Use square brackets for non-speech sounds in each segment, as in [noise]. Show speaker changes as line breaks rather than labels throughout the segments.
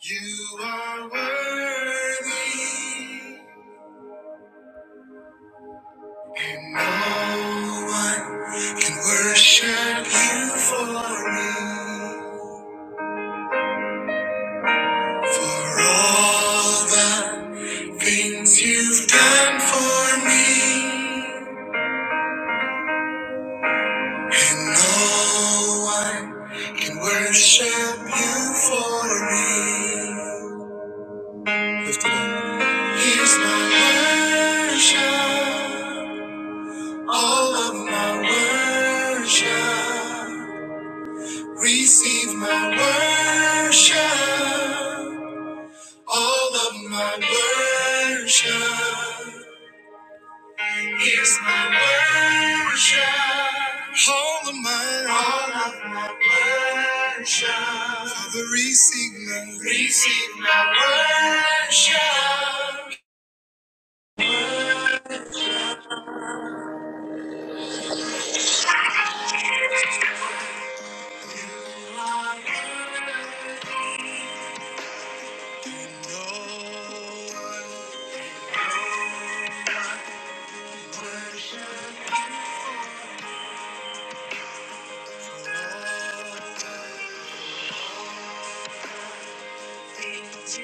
You are worthy, and no one can worship you for me. For all the things you've done for me, and no one can worship you for me. Lift it up. Here's my worship. All of my worship, receive my worship. All of my worship, here's my worship. All of my, all of my worship. Father, receive my, receive my worship. Lord, worship. Receive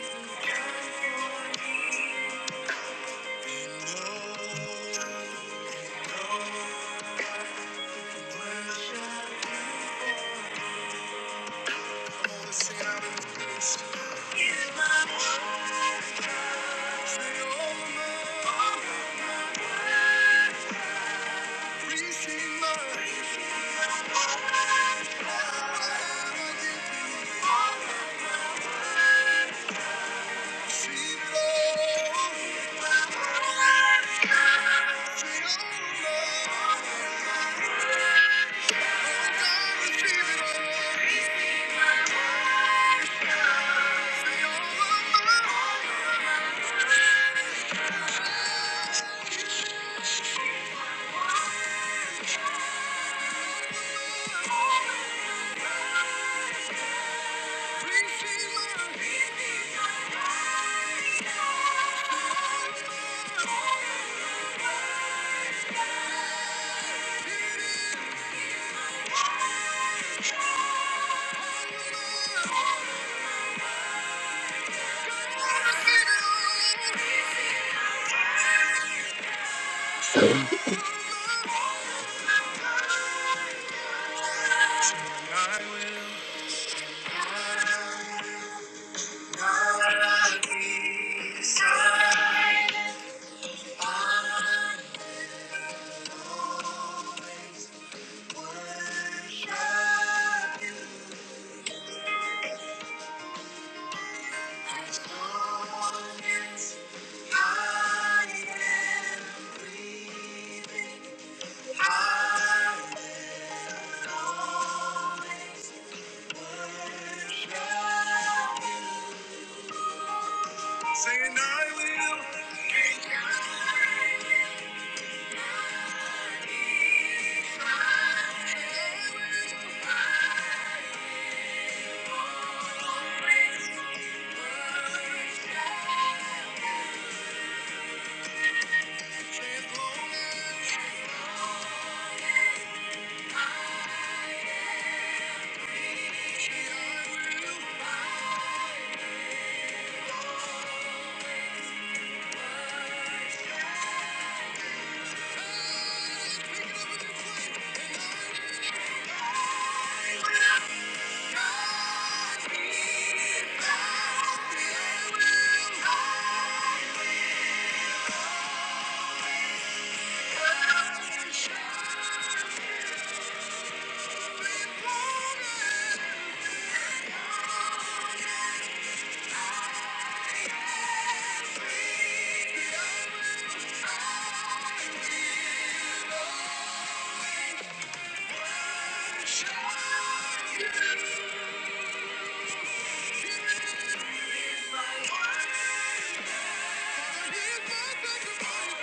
my I you. Thank you.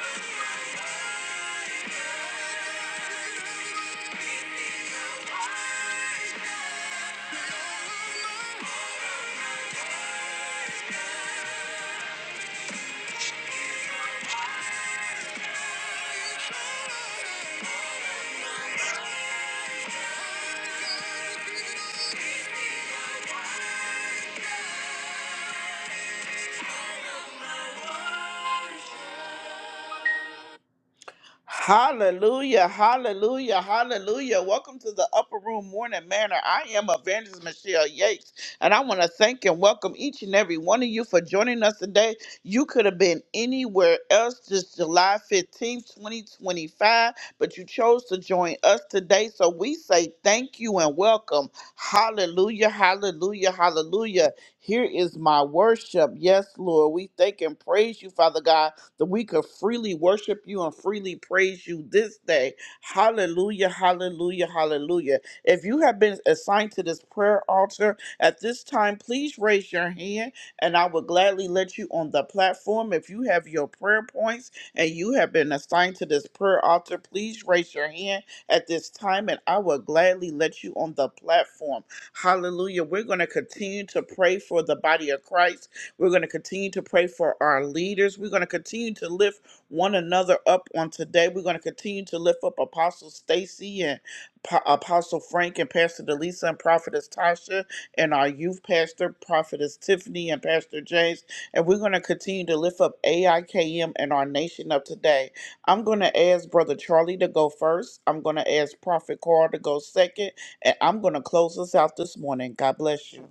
Hallelujah, hallelujah, hallelujah. Welcome to the Upper Room Morning Manor. I am Evangelist Michelle Yates, and I want to thank and welcome each and every one of you for joining us today. You could have been anywhere else this July 15th, 2025, but you chose to join us today. So we say thank you and welcome. Hallelujah, hallelujah, hallelujah. Here is my worship. Yes, Lord, we thank and praise you, Father God that we could freely worship you and freely praise you this day. Hallelujah, hallelujah, hallelujah. If you have been assigned to this prayer altar at this time, please raise your hand and I will gladly let you on the platform. If you have your prayer points and you have been assigned to this prayer altar, please raise your hand at this time and I will gladly let you on the platform. Hallelujah. We're going to continue to pray for the body of Christ. We're going to continue to pray for our leaders. We're going to continue to lift one another up on today. We're going to continue to lift up Apostle Stacy and Pa- Apostle Frank and Pastor Delisa and Prophetess Tasha and our youth pastor, Prophetess Tiffany and Pastor James. And we're going to continue to lift up AIKM and our nation of today. I'm going to ask Brother Charlie to go first. I'm going to ask Prophet Carl to go second. And I'm going to close us out this morning. God bless you.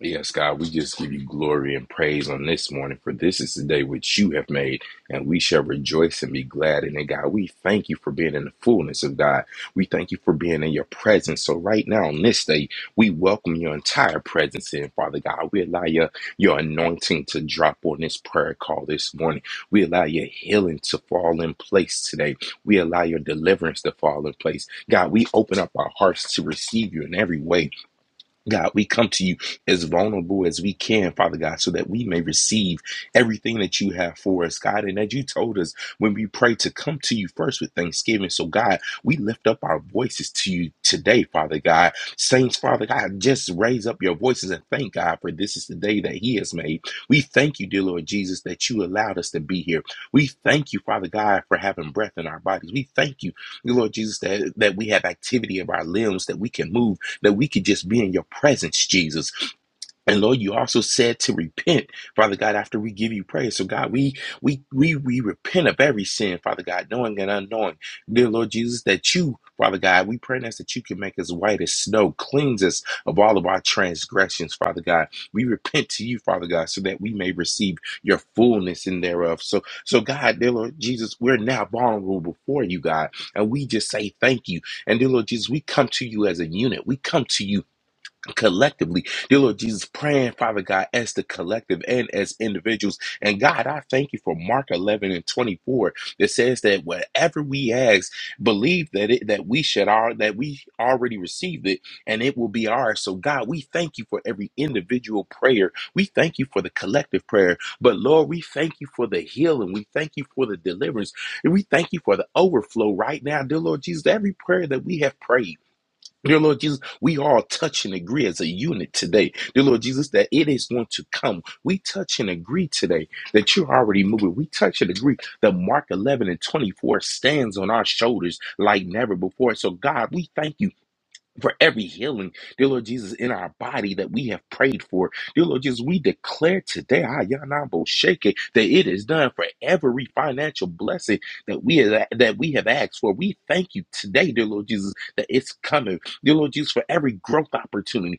Yes, God, we just give you glory and praise on this morning, for this is the day which you have made, and we shall rejoice and be glad in it, God. We thank you for being in the fullness of God. We thank you for being in your presence. So, right now on this day, we welcome your entire presence in, Father God. We allow your, your anointing to drop on this prayer call this morning. We allow your healing to fall in place today. We allow your deliverance to fall in place. God, we open up our hearts to receive you in every way God, we come to you as vulnerable as we can, Father God, so that we may receive everything that you have for us, God, and that you told us when we pray to come to you first with thanksgiving. So, God, we lift up our voices to you today, Father God. Saints, Father God, just raise up your voices and thank God for this is the day that He has made. We thank you, dear Lord Jesus, that you allowed us to be here. We thank you, Father God, for having breath in our bodies. We thank you, dear Lord Jesus, that, that we have activity of our limbs, that we can move that we could just be in your presence, Jesus. And Lord, you also said to repent, Father God, after we give you praise. So God, we we we we repent of every sin, Father God, knowing and unknowing. Dear Lord Jesus, that you, Father God, we pray that's that you can make us white as snow, cleanse us of all of our transgressions, Father God. We repent to you, Father God, so that we may receive your fullness in thereof. So so God, dear Lord Jesus, we're now vulnerable before you, God, and we just say thank you. And dear Lord Jesus, we come to you as a unit. We come to you collectively. Dear Lord Jesus, praying, Father God, as the collective and as individuals. And God, I thank you for Mark 11 and 24 that says that whatever we ask, believe that it that we should are that we already received it and it will be ours. So God, we thank you for every individual prayer. We thank you for the collective prayer. But Lord, we thank you for the healing. We thank you for the deliverance. And we thank you for the overflow right now, dear Lord Jesus, every prayer that we have prayed. Dear Lord Jesus, we all touch and agree as a unit today. Dear Lord Jesus, that it is going to come. We touch and agree today that you're already moving. We touch and agree that Mark 11 and 24 stands on our shoulders like never before. So, God, we thank you for every healing, dear Lord Jesus, in our body that we have prayed for. Dear Lord Jesus, we declare today, ah, ya na bo Sheke, that it is done for every financial blessing that we have, that we have asked for. We thank you today, dear Lord Jesus, that it's coming. Dear Lord Jesus, for every growth opportunity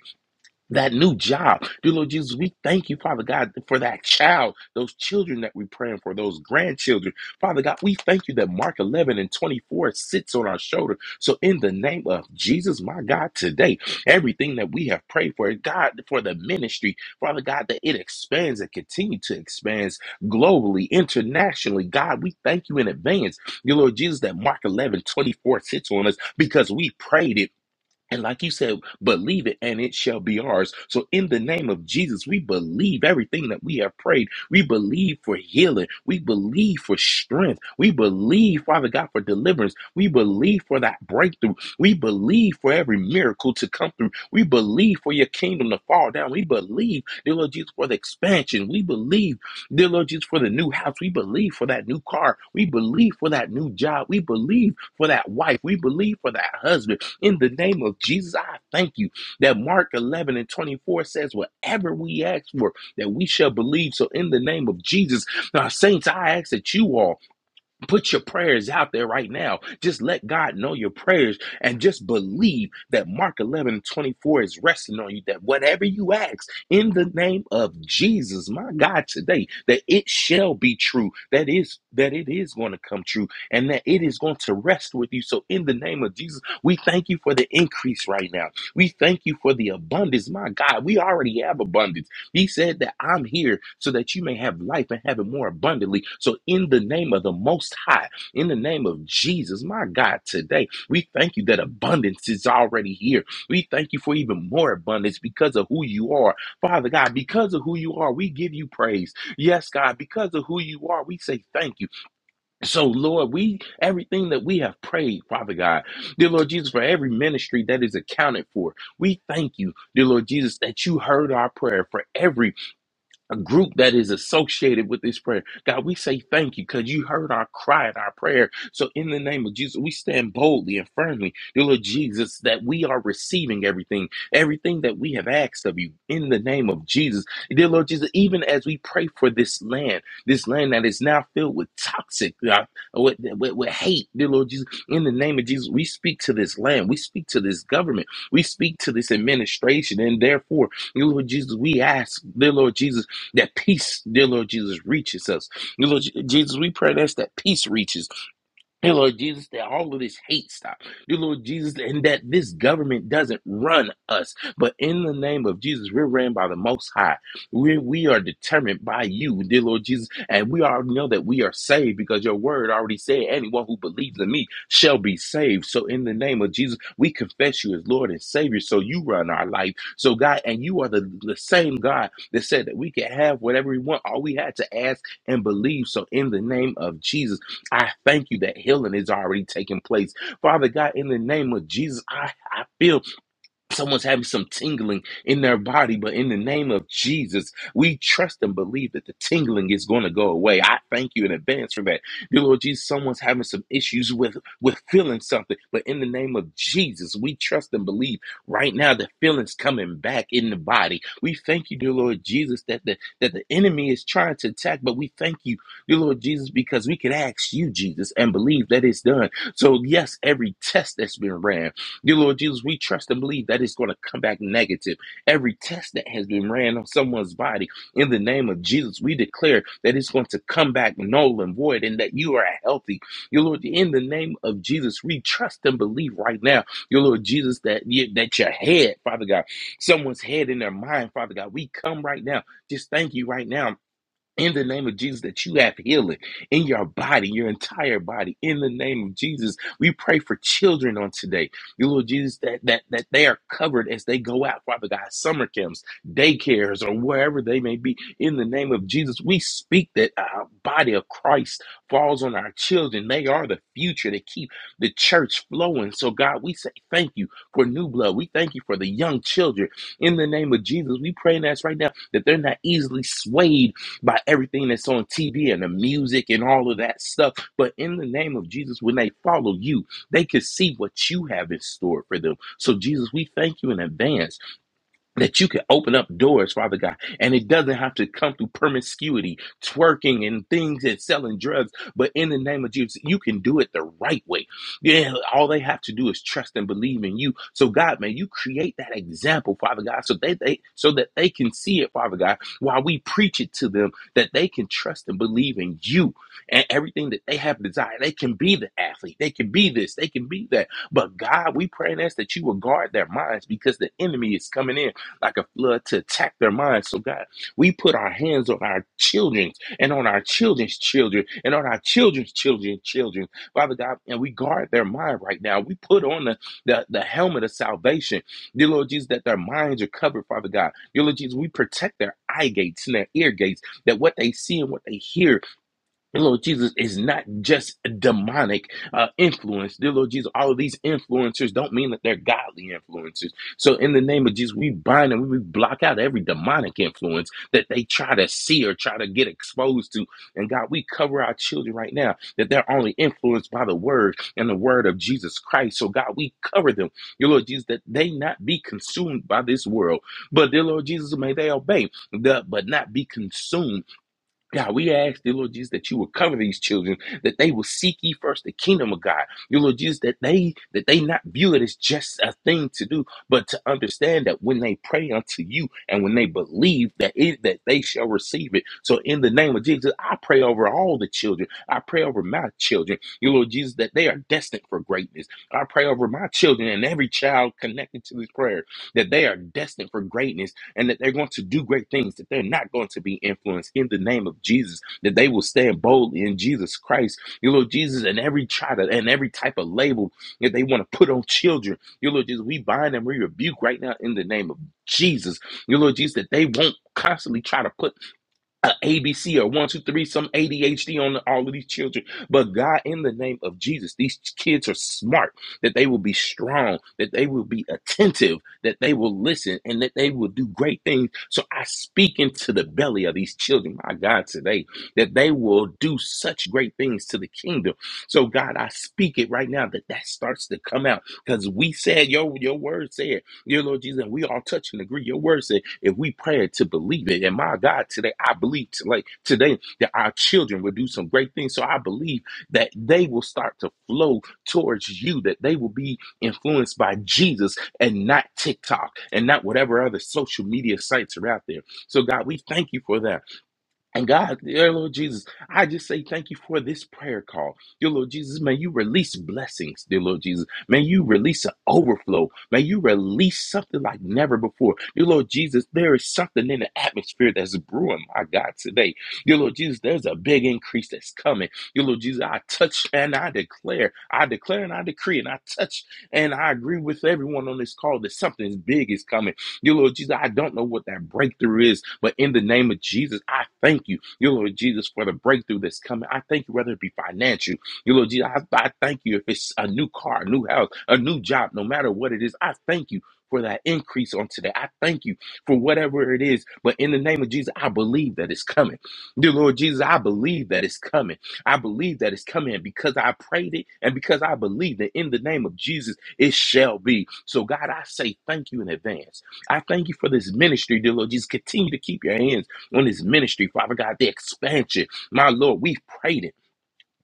that new job. Dear Lord Jesus, we thank you, Father God, for that child, those children that we're praying for, those grandchildren. Father God, we thank you that Mark 11 and 24 sits on our shoulder. So, in the name of Jesus, my God, today, everything that we have prayed for, God, for the ministry, Father God, that it expands and continue to expand globally, internationally. God, we thank you in advance, dear Lord Jesus, that Mark 11 24 sits on us because we prayed it and like you said, believe it and it shall be ours. So, in the name of Jesus, we believe everything that we have prayed. We believe for healing. We believe for strength. We believe, Father God, for deliverance. We believe for that breakthrough. We believe for every miracle to come through. We believe for your kingdom to fall down. We believe, dear Lord Jesus, for the expansion. We believe, dear Lord Jesus, for the new house. We believe for that new car. We believe for that new job. We believe for that wife. We believe for that husband. In the name of Jesus, I thank you that Mark 11 and 24 says, Whatever we ask for, that we shall believe. So, in the name of Jesus, now, saints, I ask that you all Put your prayers out there right now. Just let God know your prayers and just believe that Mark 11 24 is resting on you. That whatever you ask in the name of Jesus, my God, today, that it shall be true. That is, that it is going to come true and that it is going to rest with you. So, in the name of Jesus, we thank you for the increase right now. We thank you for the abundance. My God, we already have abundance. He said that I'm here so that you may have life and have it more abundantly. So, in the name of the Most High, in the name of Jesus, my God, today we thank you that abundance is already here. We thank you for even more abundance because of who you are. Father God, because of who you are, we give you praise. Yes, God, because of who you are, we say thank you. So, Lord, we everything that we have prayed, Father God, dear Lord Jesus, for every ministry that is accounted for, we thank you, dear Lord Jesus, that you heard our prayer for every a group that is associated with this prayer. God, we say thank you because you heard our cry and our prayer. So, in the name of Jesus, we stand boldly and firmly, dear Lord Jesus, that we are receiving everything, everything that we have asked of you in the name of Jesus. Dear Lord Jesus, even as we pray for this land, this land that is now filled with toxic, uh, with, with, with hate, dear Lord Jesus, in the name of Jesus, we speak to this land, we speak to this government, we speak to this administration, and therefore, dear Lord Jesus, we ask, dear Lord Jesus that peace, dear Lord Jesus, reaches us. Dear Lord Jesus, we pray that's that peace reaches. Dear Lord Jesus, that all of this hate stop. Dear Lord Jesus, and that this government doesn't run us. But in the name of Jesus, we're ran by the Most High. We, we are determined by you, dear Lord Jesus. And we already know that we are saved because your word already said, anyone who believes in me shall be saved. So in the name of Jesus, we confess you as Lord and Savior. So you run our life. So God, and you are the, the same God that said that we can have whatever we want. All we had to ask and believe. So in the name of Jesus, I thank you that healing is already taking place. Father God, in the name of Jesus, I, I feel Someone's having some tingling in their body, but in the name of Jesus, we trust and believe that the tingling is going to go away. I thank you in advance for that. Dear Lord Jesus, someone's having some issues with, with feeling something, but in the name of Jesus, we trust and believe right now the feeling's coming back in the body. We thank you, dear Lord Jesus, that the, that the enemy is trying to attack, but we thank you, dear Lord Jesus, because we can ask you, Jesus, and believe that it's done. So, yes, every test that's been ran, Dear Lord Jesus, we trust and believe that it's going to come back negative. Every test that has been ran on someone's body, in the name of Jesus, we declare that it's going to come back null and void and that you are healthy. Your Lord, in the name of Jesus, we trust and believe right now, your Lord Jesus, that, that your head, Father God, someone's head in their mind, Father God, we come right now. Just thank you right now in the name of Jesus that you have healing in your body, your entire body. In the name of Jesus, we pray for children on today. Dear Lord Jesus, that that that they are covered as they go out, Father God, summer camps, daycares, or wherever they may be. In the name of Jesus, we speak that our body of Christ falls on our children. They are the future. They keep the church flowing. So God, we say thank you for new blood. We thank you for the young children. In the name of Jesus, we pray and ask right now that they're not easily swayed by everything that's on TV and the music and all of that stuff. But in the name of Jesus, when they follow you, they can see what you have in store for them. So, Jesus, we thank you in advance that you can open up doors, Father God, and it doesn't have to come through promiscuity, twerking, and things and selling drugs. But in the name of Jesus, you can do it the right way. Yeah, all they have to do is trust and believe in you. So God, man, you create that example, Father God, so they, they so that they can see it, Father God, while we preach it to them, that they can trust and believe in you and everything that they have desired. They can be the athlete, they can be this, they can be that. But God, we pray and ask that you will guard their minds because the enemy is coming in like a flood to attack their minds. So, God, we put our hands on our children and on our children's children and on our children's children's children, Father God, and we guard their mind right now. We put on the, the, the helmet of salvation, dear Lord Jesus, that their minds are covered, Father God. Dear Lord Jesus, we protect their eye gates and their ear gates, that what they see and what they hear Dear Lord Jesus is not just a demonic uh, influence. Dear Lord Jesus, all of these influencers don't mean that they're godly influencers. So, in the name of Jesus, we bind and we block out every demonic influence that they try to see or try to get exposed to. And God, we cover our children right now that they're only influenced by the word and the word of Jesus Christ. So, God, we cover them, dear Lord Jesus, that they not be consumed by this world. But, dear Lord Jesus, may they obey, the, but not be consumed God, we ask, dear Lord Jesus, that you would cover these children, that they will seek ye first the kingdom of God. Dear Lord Jesus, that they that they not view it as just a thing to do, but to understand that when they pray unto you and when they believe that it that they shall receive it. So in the name of Jesus, I pray over all the children. I pray over my children, dear Lord Jesus, that they are destined for greatness. I pray over my children and every child connected to this prayer that they are destined for greatness and that they're going to do great things, that they're not going to be influenced in the name of Jesus, that they will stand boldly in Jesus Christ, your Lord Jesus, and every try to, and every type of label that they want to put on children, your Lord Jesus, we bind and we rebuke right now in the name of Jesus, your Lord Jesus, that they won't constantly try to put uh, a ABC or one, two, three, some ADHD on all of these children. But God, in the name of Jesus, these kids are smart, that they will be strong, that they will be attentive, that they will listen, and that they will do great things. So I speak into the belly of these children, my God, today, that they will do such great things to the kingdom. So God, I speak it right now that that starts to come out because we said, your, your word said Dear Lord Jesus, and we all touch and agree. Your word said if we pray to believe it. And my God, today I believe to, like today that our children will do some great things. So I believe that they will start to flow towards you, that they will be influenced by Jesus and not TikTok and not whatever other social media sites are out there. So God, we thank you for that. And God, dear Lord Jesus, I just say thank you for this prayer call. Dear Lord Jesus, may you release blessings, dear Lord Jesus. May you release an overflow. May you release something like never before. Dear Lord Jesus, there is something in the atmosphere that's brewing, my God, today. Dear Lord Jesus, there's a big increase that's coming. Dear Lord Jesus, I touch and I declare, I declare and I decree, and I touch and I agree with everyone on this call that something big is coming. Dear Lord Jesus, I don't know what that breakthrough is, but in the name of Jesus, I thank you, dear Lord Jesus, for the breakthrough that's coming. I thank you, whether it be financial, dear Lord Jesus, I, I thank you if it's a new car, a new house, a new job, no matter what it is, I thank you. For that increase on today. I thank you for whatever it is. But in the name of Jesus, I believe that it's coming. Dear Lord Jesus, I believe that it's coming. I believe that it's coming and because I prayed it and because I believe that in the name of Jesus, it shall be. So, God, I say thank you in advance. I thank you for this ministry, dear Lord Jesus. Continue to keep your hands on this ministry, Father God, the expansion. My Lord, we've prayed it.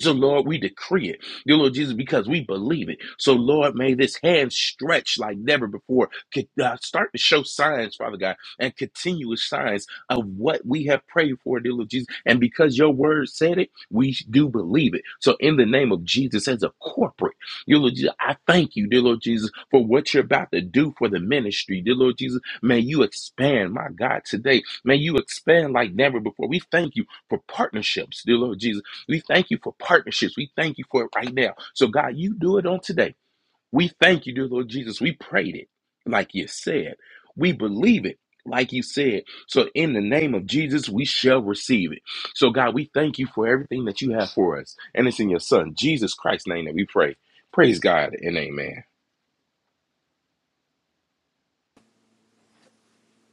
So, Lord, we decree it, dear Lord Jesus, because we believe it. So, Lord, may this hand stretch like never before. Could, uh, start to show signs, Father God, and continuous signs of what we have prayed for, dear Lord Jesus. And because your word said it, we do believe it. So, in the name of Jesus, as a corporate, dear Lord Jesus, I thank you, dear Lord Jesus, for what you're about to do for the ministry, dear Lord Jesus. May you expand, my God, today. May you expand like never before. We thank you for partnerships, dear Lord Jesus. We thank you for partnerships. We thank you for it right now. So, God, you do it on today. We thank you, dear Lord Jesus. We prayed it like you said. We believe it like you said. So, in the name of Jesus, we shall receive it. So, God, we thank you for everything that you have for us. And it's in your Son, Jesus Christ's name, that we pray. Praise God and amen.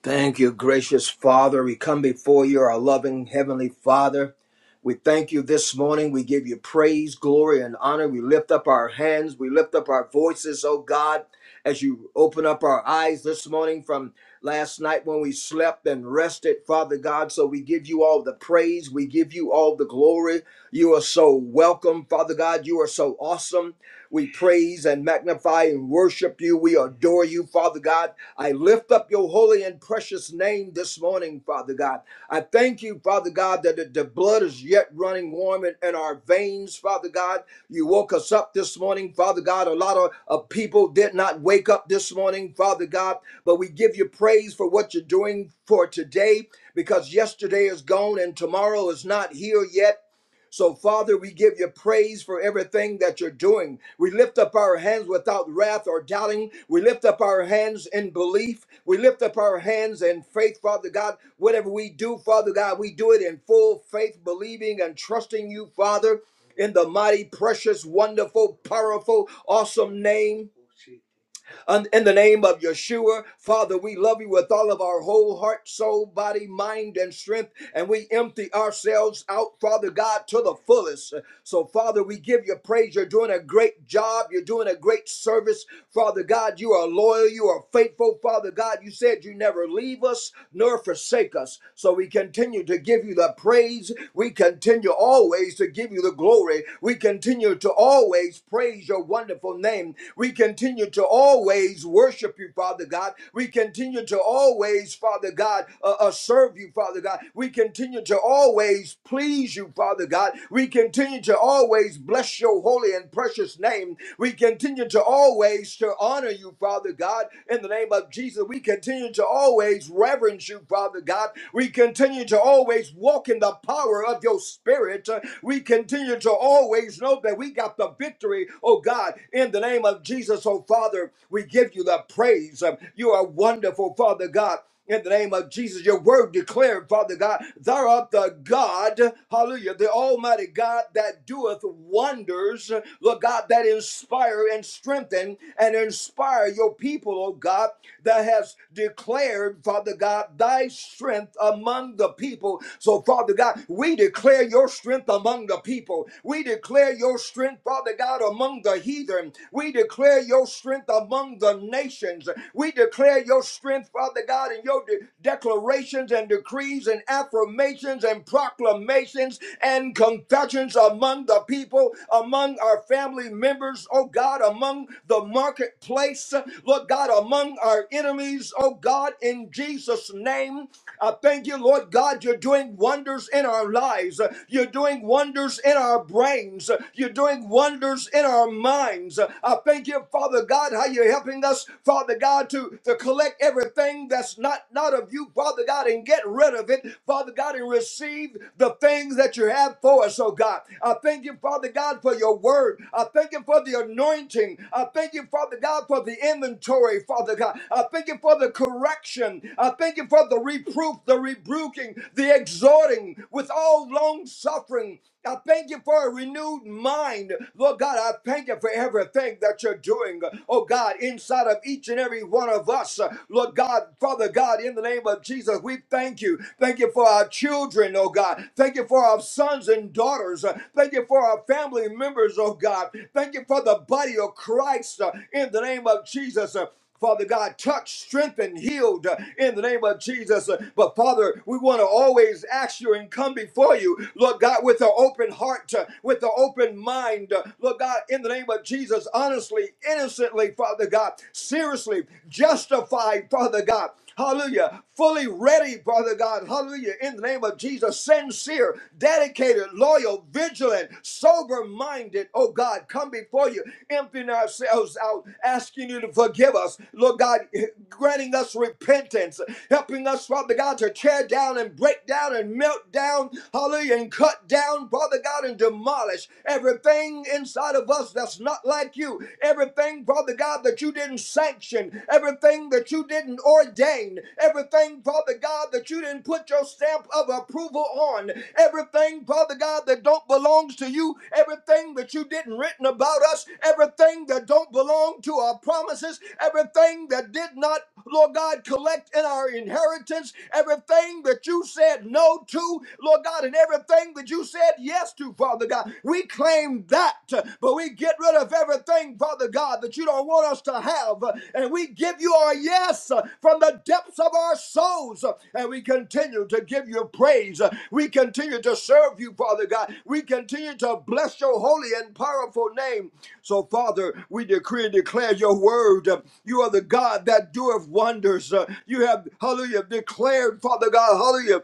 Thank you, gracious Father. We come before you, our loving Heavenly Father. We thank you this morning. We give you praise, glory, and honor. We lift up our hands. We lift up our voices, oh God, as you open up our eyes this morning from last night when we slept and rested, Father God. So we give you all the praise. We give you all the glory. You are so welcome, Father God. You are so awesome. We praise and magnify and worship you. We adore you, Father God. I lift up your holy and precious name this morning, Father God. I thank you, Father God, that the, the blood is yet running warm in, in our veins, Father God. You woke us up this morning, Father God. A lot of, of people did not wake up this morning, Father God, but we give you praise for what you're doing for today because yesterday is gone and tomorrow is not here yet so, Father, we give you praise for everything that you're doing. We lift up our hands without wrath or doubting. We lift up our hands in belief. We lift up our hands in faith, Father God. Whatever we do, Father God, we do it in full faith, believing and trusting you, Father, in the mighty, precious, wonderful, powerful, awesome name Un- In the name of Yeshua, Father, we love you with all of our whole heart, soul, body, mind, and strength, and we empty ourselves out, Father God, to the fullest. So, Father, we give you praise. You're doing a great job. You're doing a great service, Father God. You are loyal. You are faithful, Father God. You said you never leave us nor forsake us. So, we continue to give you the praise. We continue always to give you the glory. We continue to always praise your wonderful name. We continue continue to always worship you, Father God. We continue to always, Father God, uh, uh, serve you, Father God. We continue to always please you, Father God. We continue to always bless your holy and precious name. We continue to always to honor you, Father God, in the name of Jesus. We continue to always reverence you, Father God. We continue to always walk in the power of your spirit. Uh, We continue to always know that we got the victory, oh God, in the name of Jesus, oh Father, we give you the praise. Um, You are wonderful, Father God. In the name of Jesus, your word declared, Father God, thou art the God, hallelujah, the Almighty God that doeth wonders, Lord God, that inspire and strengthen and inspire your people, oh God, that has declared, Father God, thy strength among the people. So, Father God, we declare your strength among the people. We declare your strength, Father God, among the heathen. We declare your strength among the nations. We declare your strength, Father God, in your de- declarations and decrees and affirmations and proclamations and confessions among the people, among our family members, oh God, among the marketplace, Lord God, among our enemies, oh God, in Jesus' name. I thank you, Lord God, you're doing wonders in our lives. You're doing wonders in our brains. You're doing doing wonders in our minds. I thank you, Father God, how you're helping us, Father God, to, to collect everything that's not, not of you, Father God, and get rid of it, Father God, and receive the things that you have for us, oh God. I thank you, Father God, for your word. I thank you for the anointing. I thank you, Father God, for the inventory, Father God. I thank you for the correction. I thank you for the reproof, the rebuking, the exhorting with all long suffering. I thank you for a renewed mind. Lord God, I thank you for everything that you're doing. Oh God, inside of each and every one of us. Lord God, Father God, in the name of Jesus, we thank you. Thank you for our children, oh God. Thank you for our sons and daughters. Thank you for our family members, oh God. Thank you for the body of Christ uh, in the name of Jesus. Father God, touch, strengthen, healed uh, in the name of Jesus. Uh, But Father, we want to always ask you and come before you, Lord God, with an open heart, uh, with an open mind, uh, Lord God, in the name of Jesus, honestly, innocently, Father God, seriously, justified, Father God. Hallelujah. Fully ready, brother God. Hallelujah. In the name of Jesus, sincere, dedicated, loyal, vigilant, sober minded. Oh God, come before you, emptying ourselves out, asking you to forgive us. Lord God, granting us repentance, helping us, Father God, to tear down and break down and melt down, hallelujah, and cut down, Father God, and demolish everything inside of us that's not like you, everything everything, Father God, that you didn't sanction, everything that you didn't ordain, everything, Father God, that you didn't put your stamp of approval on, everything, Father God, that don't belongs to you, everything that you didn't written about us, everything that don't belong to our promises, everything that did not Lord God, collect in our inheritance everything that you said no to, Lord God, and everything that you said yes to, Father God. We claim that, but we get rid of everything, Father God, that you don't want us to have, and we give you our yes from the depths of our soul souls. uh, And we continue to give you praise. Uh, We continue to serve you, Father God. We continue to bless your holy and powerful name. So, Father, we decree and declare your word. Uh, You are the God that doeth wonders. Uh, You have, hallelujah, declared, Father God, hallelujah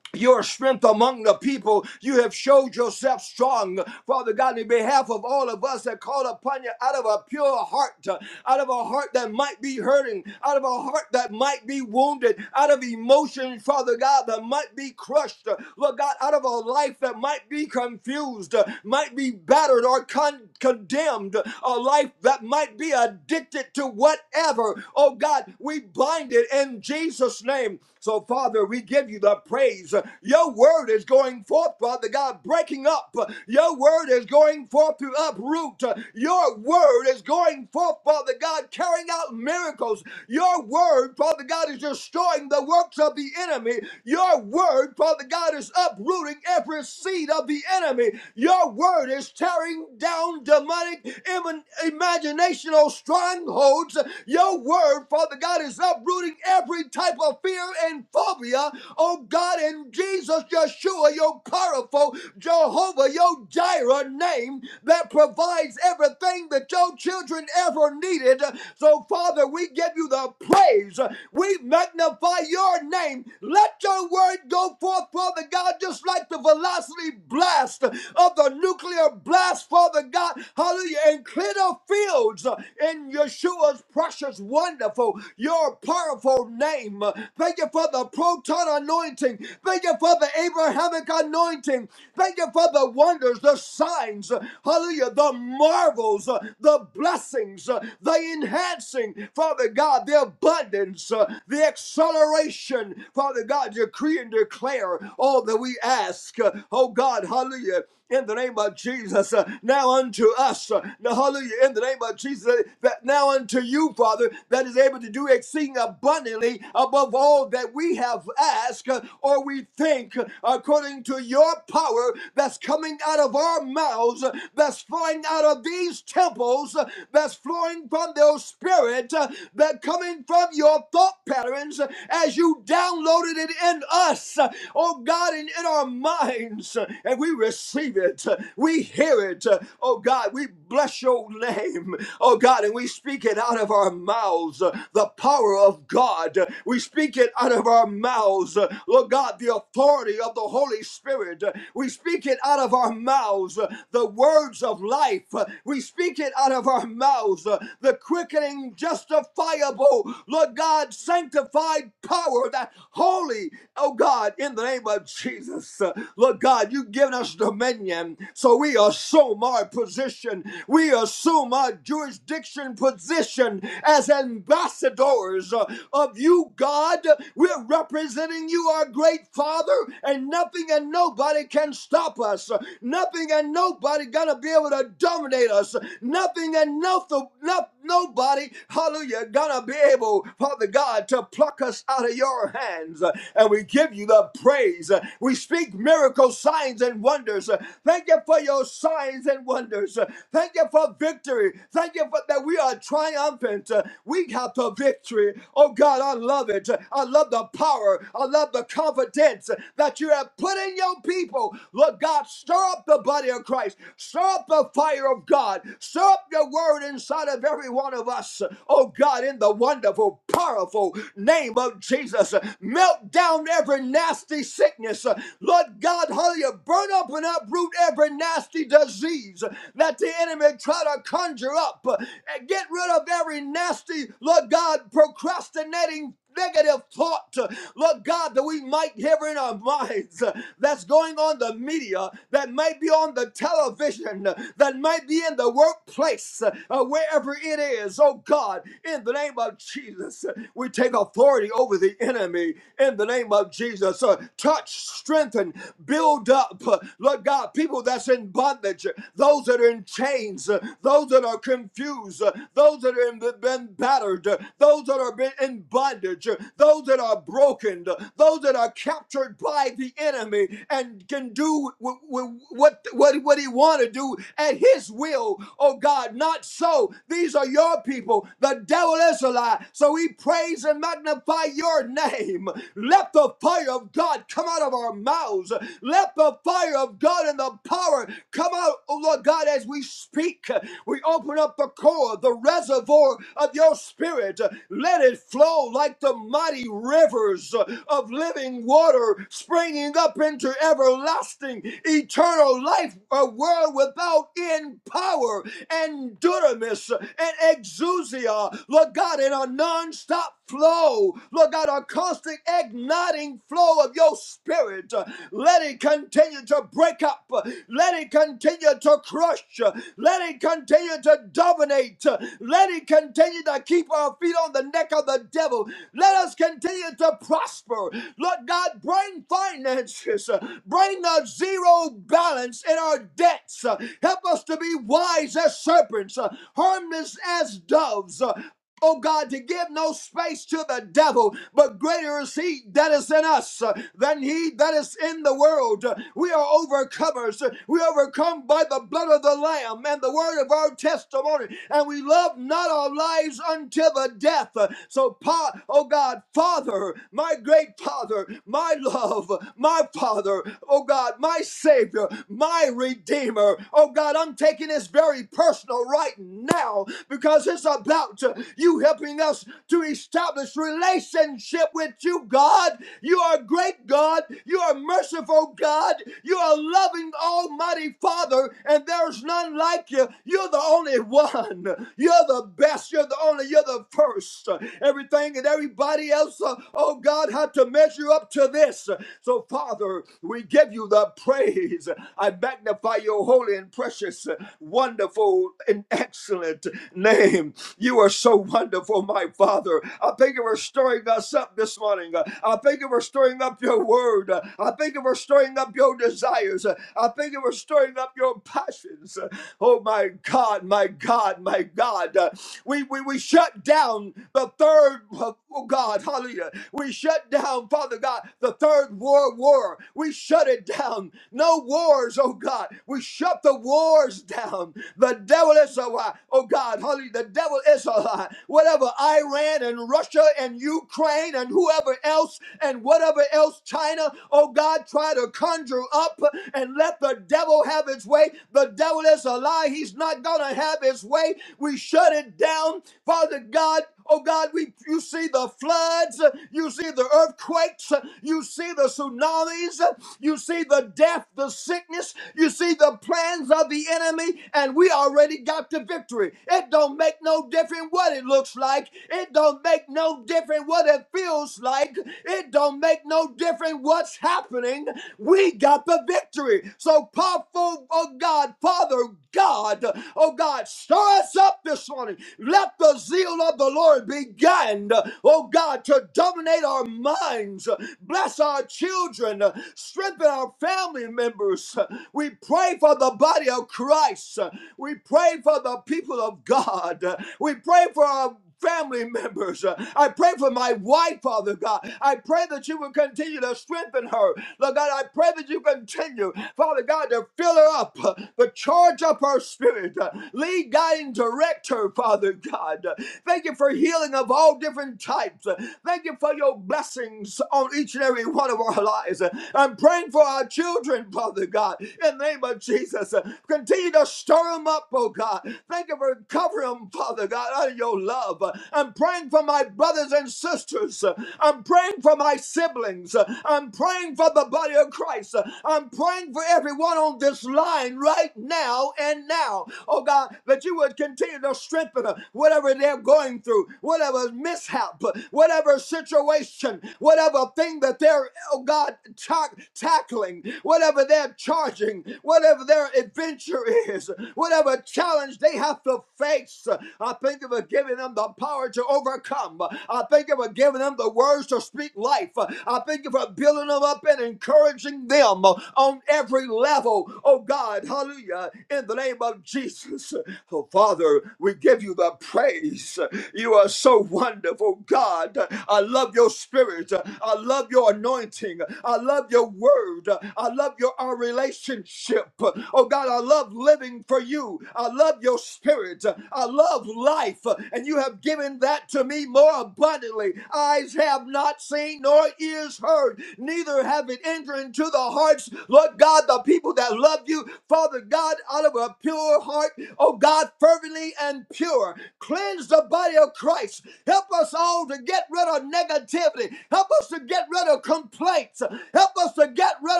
your strength among the people. You have showed yourself strong, Father God, in behalf of all of us that call upon you out of a pure heart, uh, out of a heart that might be hurting, out of a heart that might be wounded, out of emotions, Father God, that might be crushed, uh, Lord God, out of a life that might be confused, uh, might be battered or con- condemned, a life that might be addicted to whatever. Oh God, we bind it in Jesus' name. So, Oh, Father, we give you the praise. Your word is going forth, Father God, breaking up. Your word is going forth to uproot. Your word is going forth, Father God, carrying out miracles. Your word, Father God, is destroying the works of the enemy. Your word, Father God, is uprooting every seed of the enemy. Your word is tearing down demonic im- imaginational strongholds. Your word, Father God, is uprooting rebuke every type of fear and phobia, oh God, in Jesus, Yeshua, your powerful Jehovah, your Jireh name that provides everything that your children ever needed. So, Father, we give you the praise. We magnify your name. Let your word go forth, Father God, just like the velocity blast of the nuclear blast, Father God. Hallelujah. And clear the fields in Yeshua's precious wonderful, your powerful name. Thank you for the proton anointing. Thank you for the Abrahamic anointing. Thank you for the wonders, the signs, hallelujah, the marvels, the blessings, the enhancing, Father God, the abundance, the acceleration, Father God, decree and declare all that we ask. Oh God, hallelujah in the name of Jesus. Uh, Now unto us, uh, now hallelujah, in the name of Jesus, uh, that now unto you, Father, that is able to do exceeding abundantly above all that we have asked uh, or we think, uh, according to your power that's coming out of our mouths, uh, that's flowing out of these temples, uh, that's flowing from their spirit, uh, that coming from your thought patterns uh, as you downloaded it in us, uh, oh God, and in our minds minds uh, and we receive it. Uh, We hear it. Uh, Oh God, we bless your name. Oh God, and we speak it out of our mouths. uh, The power of God. Uh, We speak it out of our mouths. Uh, Lord God, the authority of the Holy Spirit. Uh, We speak it out of our mouths. Uh, The words of life. Uh, We speak it out of our mouths. Uh, The quickening, justifiable, Lord God, sanctified power, that holy, oh God, in the name of Lord Jesus. Uh, Lord God, you've given us dominion, so we assume our position. We assume our jurisdiction position as ambassadors uh, of you, God. We're representing you, our great Father, and nothing and nobody can stop us. Nothing and nobody gonna be able to dominate us. Nothing and no, no, nobody, hallelujah, gonna be able, Father God, to pluck us out of your hands. and we give you the praise. We speak miracles, signs, and wonders. Thank you for your signs and wonders. Thank you for victory. Thank you for that we are triumphant. We have the victory. Oh God, I love it. I love the power. I love the confidence that you have put in your people. Lord God, stir up the body of Christ. Stir up the fire of God. Stir up your word inside of every one of us. Oh God, in the wonderful, powerful name of Jesus. Jesus. Melt down every nasty sickness. Lord God, hallelujah, burn up and uproot every nasty disease that the enemy try to conjure up. And get rid of every nasty, Lord God, procrastinating negative thought, Lord God, that we might hear in our minds uh, that's going on the media, that might be on the television, uh, that might be in the workplace, uh, uh, wherever it is, oh God, in the name of Jesus. We take authority over the enemy in the name of Jesus. Uh, touch, strengthen, build up. Uh, Lord God, people that's in bondage, uh, those that are in chains, uh, those that are confused, uh, those that have been battered, uh, those that are been in bondage, uh, those that are broken, uh, those that are captured by the enemy and can do w- w- what, what, what he want to do at his will. Oh God, not so. These are your people. The devil devil is a lie. So we praise and magnify your name. Let the fire of God come out of our mouths. Let the fire of God and the power come out, oh Lord God, as we speak. We open up the core, the reservoir of your spirit. Let it flow like the mighty rivers of living water springing up into everlasting, eternal life, a world without end power and dunamis and exousia, Lord God, in a non-stop flow, Lord God, a constant igniting flow of your spirit. Let it continue to break up. Let it continue to crush. Let it continue to dominate. Let it continue to keep our feet on the neck of the devil. Let us continue to prosper. Lord God, bring finances. Bring a zero balance in our debts. Help us to be wise as serpents shepherds, uh, harmless as doves. uh, Oh God, to give no space to the devil, but greater is he that is in us uh, than he that is in the world. Uh, We are overcomers. Uh, We overcome by the blood of the Lamb and the word of our testimony, and we love not our lives unto the death. Uh, So, pa- oh God, Father, my great Father, my love, my Father, oh God, my Savior, my Redeemer, oh God, I'm taking taking this very personal right now because it's about uh, you helping us to establish relationship with you, God. You are a great God. You are a merciful God. You are a loving Almighty Father, and there's none like you. You're the only one. You're the best. You're the only. You're the first. Everything and everybody else, uh, oh God, had to measure up to this. So, Father, we give you the praise. I magnify by your holy and precious, uh, wonderful, and excellent name. You are so wonderful, my Father. I thank you for stirring us up this morning. Uh, I thank you for stirring up your word. Uh, I thank you for stirring up your desires. Uh, I thank you for stirring up your passions. Uh, Oh, my God, my God, my God. Uh, we, we, we shut down the third, oh God, hallelujah. We shut down, Father God, the third world war. We shut it down. No no wars, oh God. We shut the wars down. The devil is a lie, oh God. Hallelujah. The devil is a lie. Whatever Iran and Russia and Ukraine and whoever else and whatever else China, oh God, try to conjure up and let the devil have its way. The devil is a lie. He's not gonna have his way. We shut it down, Father God. Oh God, we you see the floods, you see the earthquakes, you see the tsunamis, you see the death, the sickness. You see the plans of the enemy, and we already got the victory. It don't make no difference what it looks like. It don't make no difference what it feels like. It don't make no difference what's happening. We got the victory. So, powerful, oh God, Father God, oh God, stir us up this morning. Let the zeal of the Lord begin, oh God, to dominate our minds. Bless our children uh, strengthen our family members. Uh, We pray for the body of Christ. Uh, We pray for the people of God. Uh, We pray for our family members. Uh, I pray for my wife, Father God. I pray that you will continue to strengthen her. Lord God, I pray that you continue, Father God, to fill her up, uh, to charge up her spirit, uh, lead, guide, and direct her, Father God. Uh, Thank you for healing of all different types. Uh, Thank you for your blessings on each and every one of our lives our lives. I'm praying for our children, Father God, in the name of Jesus. Continue to stir them up, oh God. Thank you for covering them, Father God, out of your love. I'm praying for my brothers and sisters. I'm praying for my siblings. I'm praying for the body of Christ. I'm praying for everyone on this line right now and now. Oh God, that you would continue to strengthen them, whatever they're going through, whatever mishap, whatever situation, whatever thing that they're oh God, tack tackling whatever they're charging, whatever their adventure is, whatever challenge they have to face. I thank you for giving them the power to overcome. I thank you for giving them the words to speak life. I thank you for building them up and encouraging them on every level. Oh God, hallelujah, in the name of Jesus. Oh Father, we give you the praise. You are so wonderful, God. I love your spirit. I love your anointing. I love your word. I love your our relationship. Oh God, I love living for you. I love your spirit. I love life, and you have given that to me more abundantly. Eyes have not seen, nor ears heard, neither have it entered into the hearts, Lord God, the people that love you, Father God, out of a pure heart. Oh God, fervently and pure. Cleanse the body of Christ. Help us all to get rid of negativity. Help us to get rid of complaints. Help us to get rid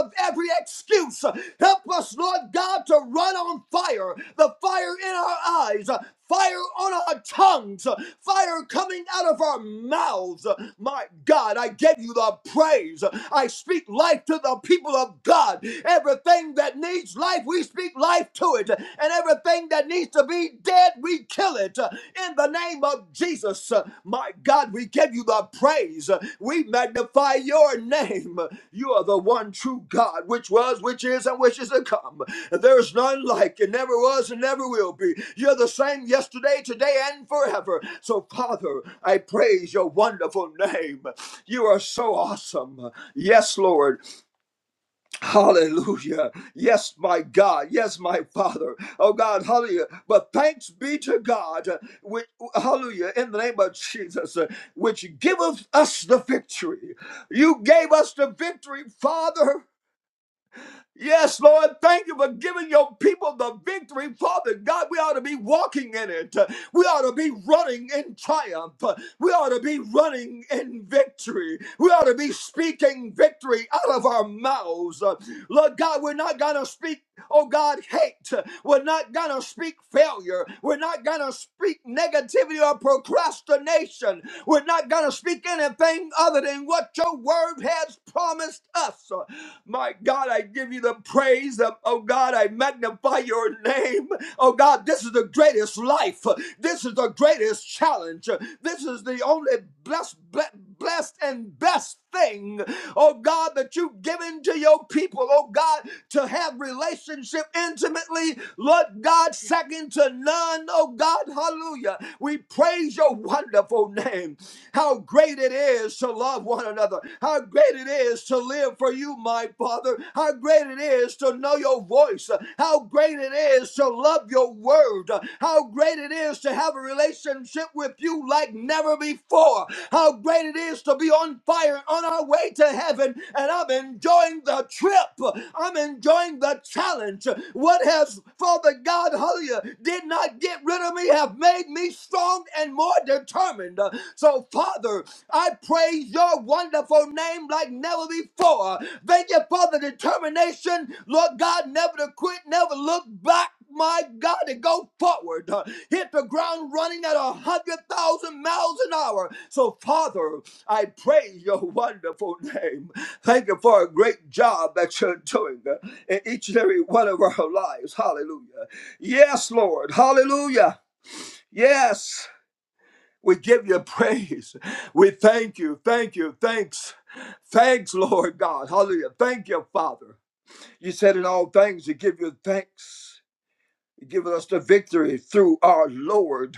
of every excuse. Help us, Lord God, to run on fire the fire in our eyes, fire on our tongues, fire coming out of our mouths. My God, I give you the praise. I speak life to the people of God. Everything that needs speaks life, we speak life to it. And everything that needs to be dead, we kill it. In the name of Jesus, my God, we give you the praise. We magnify your name. You are the one true God, which was, which is, and which is to come. There's none like you, never was, and never will be. You're the same yesterday, today, and forever. So, Father, I praise your wonderful name. You are so awesome. Yes, Lord. Hallelujah. Yes, my God. Yes, my Father. Oh God, hallelujah. But thanks be to God, uh, which, hallelujah, in the name of Jesus, uh, which giveth us the victory. You gave us the victory, Father. Yes, Lord, thank you for giving your people the victory. Father God, we ought to be walking in it. We ought to be running in triumph. We ought to be running in victory. We ought to be speaking victory out of our mouths. Lord God, we're not going to speak, oh God, hate. We're not going to speak failure. We're not going to speak negativity or procrastination. We're not going to speak anything other than what your word has promised us. My God, I give you the praise. Um, oh God, I magnify your name. Oh God, this is the greatest life. This is the greatest challenge. This is the only blessed, blessed and best thing, oh God, that you've given to your people, oh God, to have relationship intimately, Lord God, second to none, oh God, hallelujah. We praise your wonderful name. How great it is, to love love one another. How great it is to live for you, my Father. How great it is to know your voice. How great it is to love your word. How great it is to have a relationship with you like never before. How great it is to be on fire and on our way to heaven. And I'm enjoying the trip. I'm enjoying the challenge. What has Father God, hallelujah, did not get rid of me, have made me strong and more determined. So, Father, I praise your wonderful name like never before. Thank you for the determination, Lord God, never to quit, never look back. My God, to go forward, hit the ground running at a hundred thousand miles an hour. So, Father, I praise your wonderful name. Thank you for a great job that you're doing uh, in each and every one of our lives. Hallelujah. Yes, Lord. Hallelujah. Yes. We give you praise. We thank you. Thank you. Thanks. Thanks, Lord God. Hallelujah. Thank you, Father. You said in all things, you give you thanks. You give us the victory through our Lord.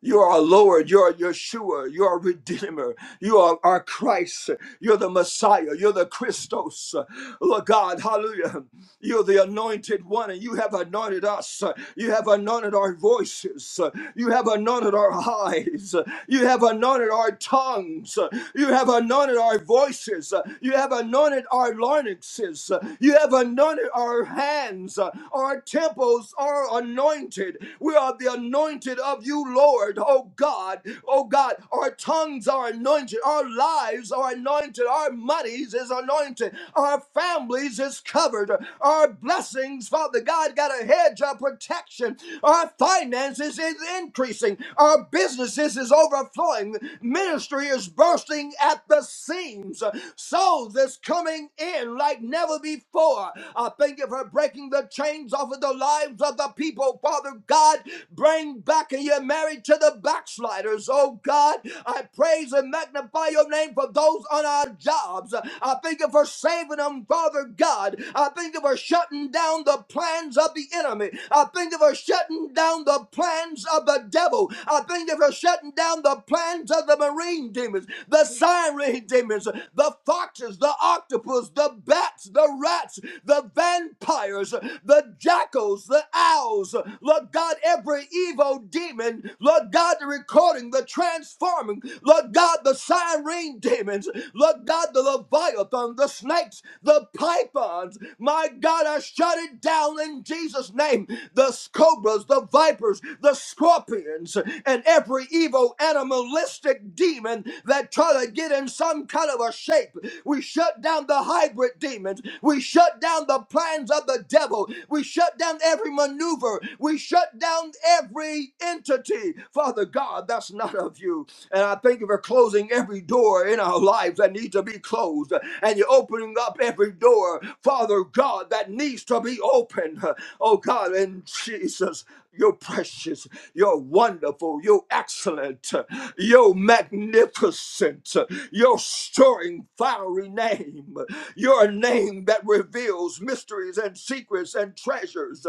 You are our Lord, you are Yeshua, you are Redeemer, you are our Christ, you're the Messiah, you're the Christos, Lord God, hallelujah. You're the anointed one, and you have anointed us, you have anointed our voices, you have anointed our [laughs] eyes, you have anointed our tongues, you have anointed our voices. Uh, You have anointed our larynxes. Uh, You have anointed our hands. Uh, Our temples are anointed. We are the anointed of you, Lord. Oh God. Oh God. Our tongues are anointed. Our lives are anointed. Our monies is anointed. Our families is covered. Our blessings, Father God, got a hedge of protection. Our finances is increasing. Our businesses is overflowing time, ministry is bursting at the seams. Souls is coming in like never before. I thank you for breaking the chains off of the lives of the people, Father God. Bring back your marriage to the backsliders, oh God. I praise and magnify your name for those on our jobs. I thank you for saving them, Father God. I thank you for shutting down the plans of the enemy. I thank you for shutting down the plans of the devil ago. I thank you for shutting down the plans of the marine demons, the siren demons, the foxes, the octopus, the bats, the rats, the vampires, the jackals, the owls. Lord God, every evil demon, Lord God, the recording, the transforming, Lord God, the siren demons, Lord God, the leviathan, the snakes, the pythons. My God, I shut it down in Jesus' name. The cobras, the the vipers, the scorpions, and every evil animalistic demon that try to get in some kind of a shape. We shut down the hybrid demons. We shut down the plans of the devil. We shut down every maneuver. We shut down every entity. Father God, that's not of you. And I thank you for closing every door in our lives that needs to be closed. And you're opening up every door, Father God, that needs to be opened. Oh God, in Jesus' You're precious. You're wonderful. You're excellent. You're magnificent. Your stirring, fiery name. Your name that reveals mysteries and secrets and treasures,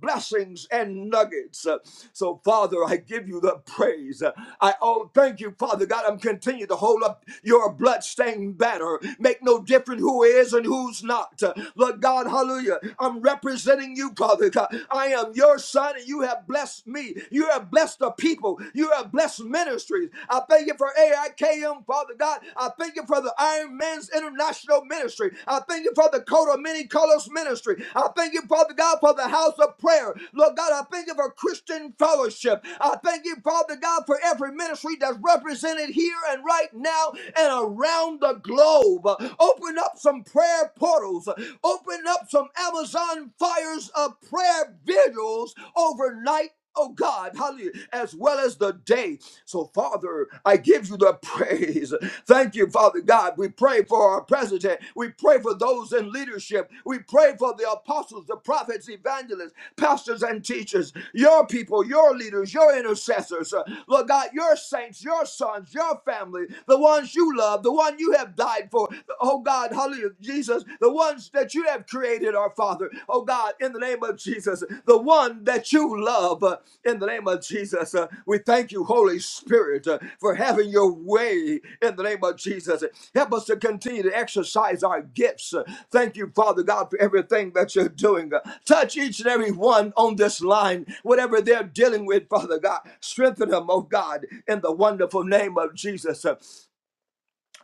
blessings and nuggets. So, Father, I give you the praise. I oh, thank you, Father God. I'm continuing to hold up your bloodstained banner. Make no difference who is and who's not. Lord God, hallelujah. I'm representing representing you, Father God. I am your son, and you have blessed me. You have blessed the people. You have blessed ministries. I thank you for AIKM, Father God. I thank you for the Iron Man's International Ministry. I thank you for the coat of many colors ministry. I thank you, Father God, for the house of prayer. Lord God, I thank you for Christian fellowship. I thank you, Father God, for every ministry that's represented here and right now and around the globe. Open up some prayer portals. Open up some Amazon fires of prayer vigils overnight. Oh God, hallelujah, as well as the day. So, Father, I give you the [laughs] praise. Thank you, Father God. We pray for our president. We pray for those in leadership. We pray for the apostles, the prophets, evangelists, pastors, and teachers, your people, your leaders, your intercessors. Uh, Lord God, your saints, your sons, your family, the ones you love, the one you have died for oh God, hallelujah, Jesus, the ones that you have created, our Father, oh God, in the name of Jesus, the one that you love, uh, in the name of Jesus, uh, we thank you, Holy Spirit, uh, for having your way in the name of Jesus. Help us to continue to exercise our gifts. Uh, Thank you, Father God, for everything that you're doing. Uh, Touch each and every one on this line, whatever they're dealing with, Father God. Strengthen them, oh God, in the wonderful name of Jesus. Uh,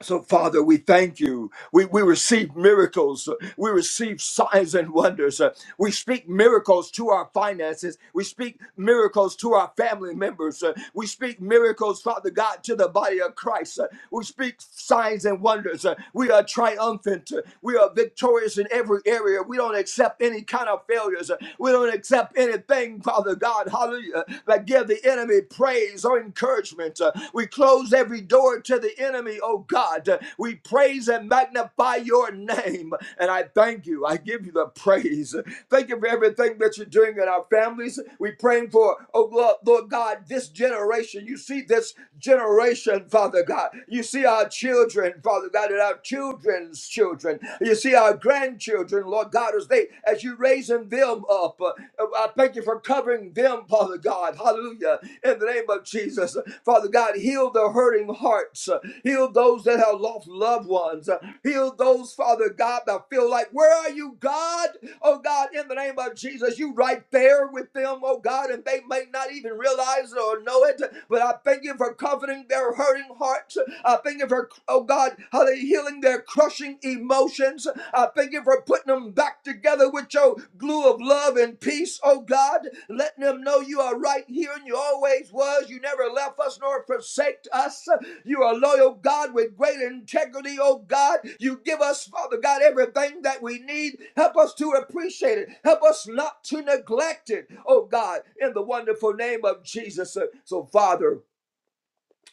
so, Father, we thank you. We, we receive miracles. We receive signs and wonders. Uh, We speak miracles to our finances. We speak miracles to our family members. Uh, We speak miracles, Father God, to the body of Christ. Uh, We speak signs and wonders. Uh, We are triumphant. Uh, We are victorious in every area. We don't accept any kind of failures. We don't accept anything, Father God, hallelujah, that give the enemy praise or encouragement. Uh, We close every door to the enemy, oh God. Uh, We praise and magnify your name. And I thank you. I give you the praise. Thank you for everything that you're doing in our families. We're praying for, oh Lord, Lord God, this generation. You see this generation, Father. Father God. You see our children, Father God, and our children's children. You see our grandchildren, Lord God, as they as you raising them up. Uh, I thank you for covering them, Father God. Hallelujah. In the name of Jesus. Father God, heal the hurting hearts. Uh, Heal those that have lost loved ones. Uh, Heal those, Father God, that feel like, where are you, God? oh God, in the name of Jesus, you right there with them, oh God, and they may not even realize it or know it, but I thank you for comforting their hurting hearts. I thank you for, oh God, how they healing their crushing emotions. I thank you for putting them back together with your glue of love and peace, oh God, letting them know you are right here and you always was. You never left us nor forsaked us. You are loyal, God, with great integrity, oh God. You give us, Father God, everything that we need. Help us to appreciate it. Help us not to neglect it, oh God, in the wonderful name of Jesus. So, Father,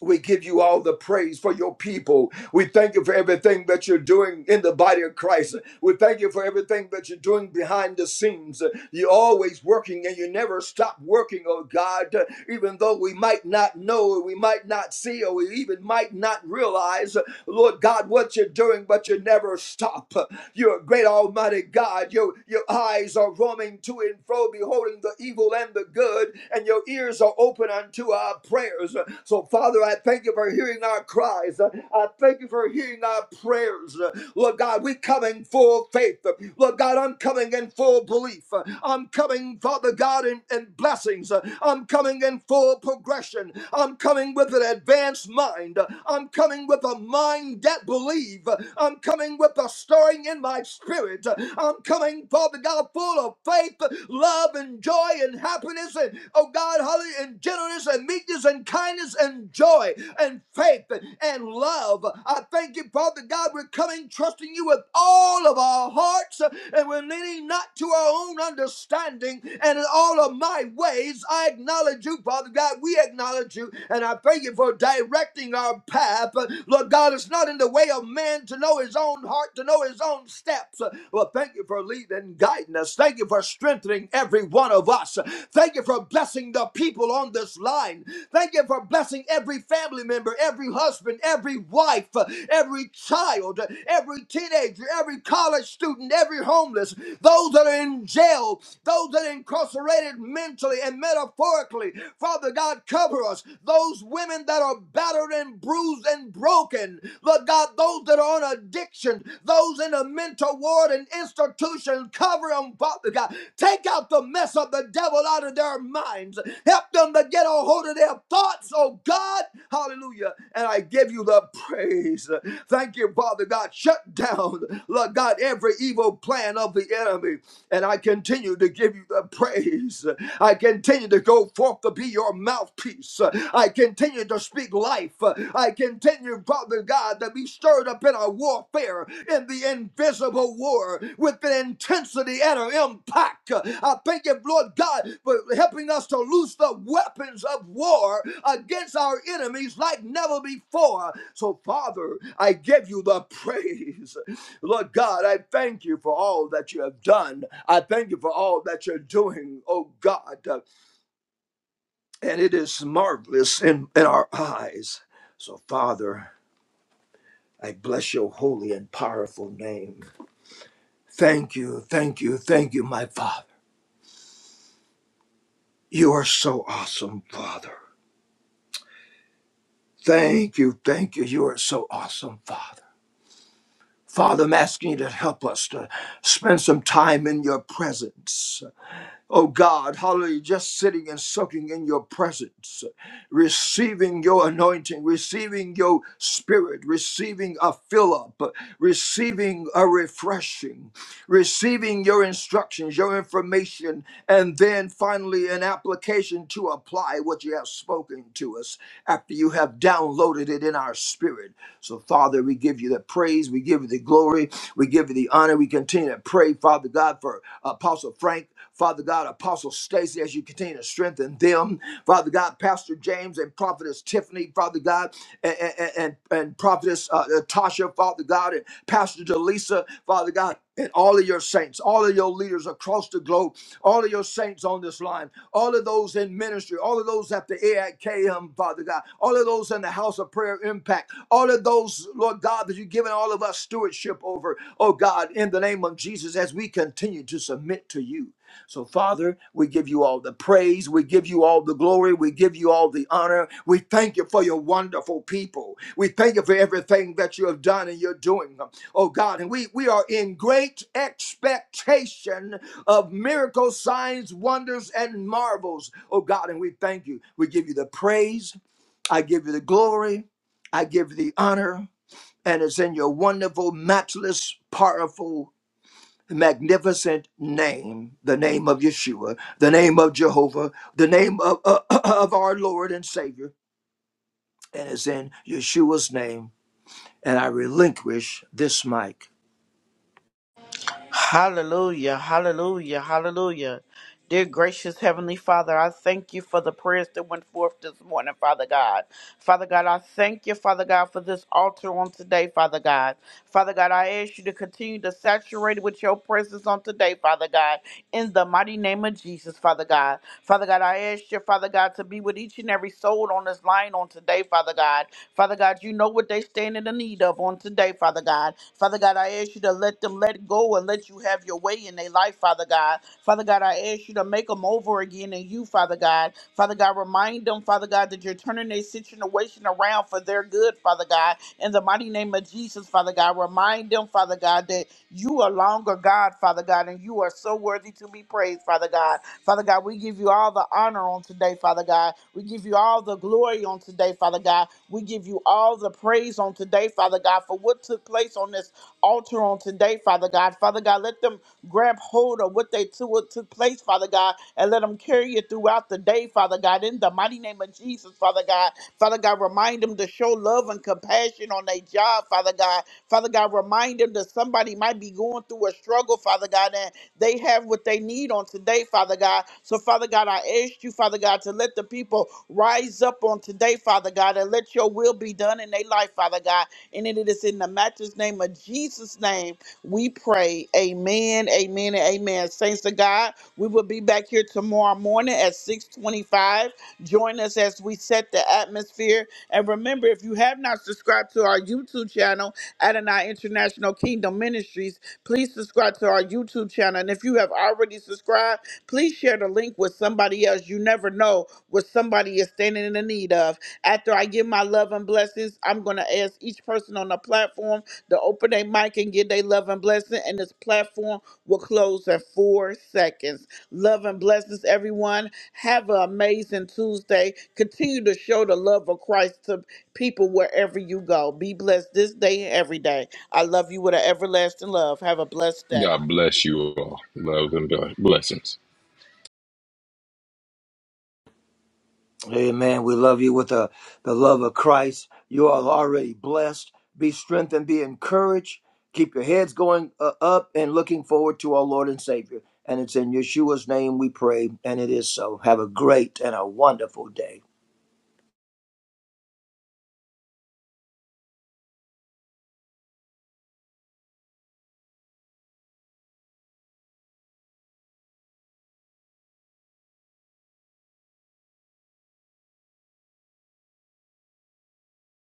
we give you all the praise for your people. We thank you for everything that you're doing in the body of Christ. We thank you for everything that you're doing behind the scenes. You're always working and you never stop working, oh God, even though we might not know, or we might not see, or we even might not realize, Lord God, what you're doing, but you never stop. You're a great almighty God. Your, your eyes are roaming to and fro, beholding the evil and and the good, and your ears are open unto our prayers. So, Father, I thank you for hearing our cries. I thank you for hearing our prayers. Lord God, we come in full faith. Lord God, I'm coming in full belief. I'm coming, Father God, in, in blessings. I'm coming in full progression. I'm coming with an advanced mind. I'm coming with a mind that believe. I'm coming with a stirring in my spirit. I'm coming, Father God, full of faith, love, and joy, and happiness, and oh God, hallelujah, and gentleness, and meekness, and kindness, and joy, and faith, and love. I thank you, Father God, we're coming, trusting you with all of our hearts, and we're leaning not to our own understanding, and in all of my ways, I acknowledge you, Father God. We acknowledge you, and I thank you for directing our path. Lord God, God is not in the way of man to know his own heart, to know his own steps. Well, thank you for leading and guiding us. Thank you for strengthening every one of us. Thank you for blessing the people on this line. Thank you for blessing every family member, every husband, every wife, every child, every teenager, every college student, every homeless, those that are in jail, those that are incarcerated mentally and metaphorically. Father God, God, cover us. Those women that are battered and bruised and broken, Lord God, those that are on addiction, those in the mental ward and institution, cover them, Father God. Take out the mess of the devil out of their minds. Help them to get a hold of their thoughts, oh God. Hallelujah. And I give you the praise. Thank you, Father God. Shut down, Lord God, every evil plan of the enemy. And I continue continue to give you the praise. I continue to go forth to be your mouthpiece. I continue to speak life. I continue, Father God, to be stirred up in a warfare, in the invisible war, with an intensity and an impact. I thank you, Lord God, for helping us to loose the weapons of war against our enemies like never before. So, Father, I give you the praise. Lord God, I thank you for all that you have done. I thank you for all that you're doing, oh God. uh, And it is marvelous in, in our eyes. So, Father, I bless your holy and powerful name. Thank you, thank you, thank you, my Father. You are so awesome, Father. Thank you, thank you. You are so awesome, Father. Father, I'm asking you to help us to spend some time in your presence Oh God, hallelujah, just sitting and soaking in your presence, receiving your anointing, receiving your spirit, receiving a fill up, receiving a refreshing receiving your instructions, your information, and then finally an application to apply what you have spoken to us after you have downloaded it in our spirit. So, Father, we give you the praise, we give you the glory, we give you the honor. We continue to pray, Father God, for Apostle Frank, Father God, Apostle Stacy, as you continue to strengthen them. Father God, Pastor James and Prophetess Tiffany, Father. Father God, and, and, and, and Prophetess uh, Tasha, Father God, and Pastor Delisa, Father God, and all of your saints, all of your leaders across the globe, all of your saints on this line, all of those in ministry, all of those at the AIKM, Father God, all of those in the House of Prayer Impact, all of those, Lord God, that you've given all of us stewardship over, oh God, in the name of Jesus, as we continue to submit to you. So, Father, we give you all the praise. We give you all the glory. We give you all the honor. We thank you for your wonderful people. We thank you for everything that you have done and you're doing, oh God. And we, we are in great expectation of miracles, signs, wonders, and marvels, oh God. And we thank you. We give you the praise. I give you the glory. I give you the honor. And it's in your wonderful, matchless, powerful, magnificent name, the name of Yeshua, the name of Jehovah, the name of, uh, [clears throat] of our Lord and Savior. And it's in Yeshua's name. And I relinquish this mic.
Hallelujah, hallelujah, hallelujah. Dear gracious Heavenly Father, I thank you for the prayers that went forth this morning, Father God. Father God, I thank you, Father God, for this altar on today, Father God. Father God, I ask you to continue to saturate it with your presence on today, Father God, in the mighty name of Jesus, Father God. Father God, I ask you, Father God, to be with each and every soul on this line on today, Father God. Father God, you know what they stand in the need of on today, Father God. Father God, I ask you to you to let them let go and let you have your way in their life, Father God. Father God, I ask you to make them over again in you, Father God. Father God, remind them, Father God, that you're turning their situation around for their good, Father God. In the mighty name of Jesus, Father God, remind them, Father God, that you are longer God, Father God, and you are so worthy to be praised, Father God. Father God, we give you all the honor on today, Father God. We give you all the glory on today, Father God. We give you all the praise on today, Father God, for what took place place on this altar on today, Father God. Father God, let them grab hold of what they took, what took place, Father God, and let them carry it throughout the day, Father God. In the mighty name of Jesus, Father God. Father God, remind them to show love and compassion on their job, Father God. Father God, remind them that somebody might be going through a struggle, Father God, and they have what they need on today, Father God. So, Father God, I ask you, Father God, to let the people rise up on today, Father God, and let your will be done in their life, Father God. And it is in the matchless name of Jesus' name we pray. Amen, amen, and amen. Saints of God, we will be back here tomorrow morning at 625. Join us as we set the atmosphere. And remember, if you have not subscribed to our YouTube channel, Adonai International Kingdom Ministries, please subscribe to our YouTube channel. And if you have already subscribed, please share the link with somebody else. You never know where somebody is standing in the need of. After I give my love and blessings, I'm going to ask each person on the platform to open their mic and give their love and blessing, and this platform will close in four seconds. Love and blessings, everyone. Have an amazing Tuesday. Continue to show the love of Christ to people wherever you go. Be blessed this day and every day. I love you with an everlasting love. Have a blessed day.
God bless you all. Love and blessings.
Amen. We love you with the, the love of Christ. You are already blessed. Be strengthened, be encouraged. Keep your heads going uh, up and looking forward to our Lord and Savior. And it's in Yeshua's name we pray, and it is so. Have a great and a wonderful day.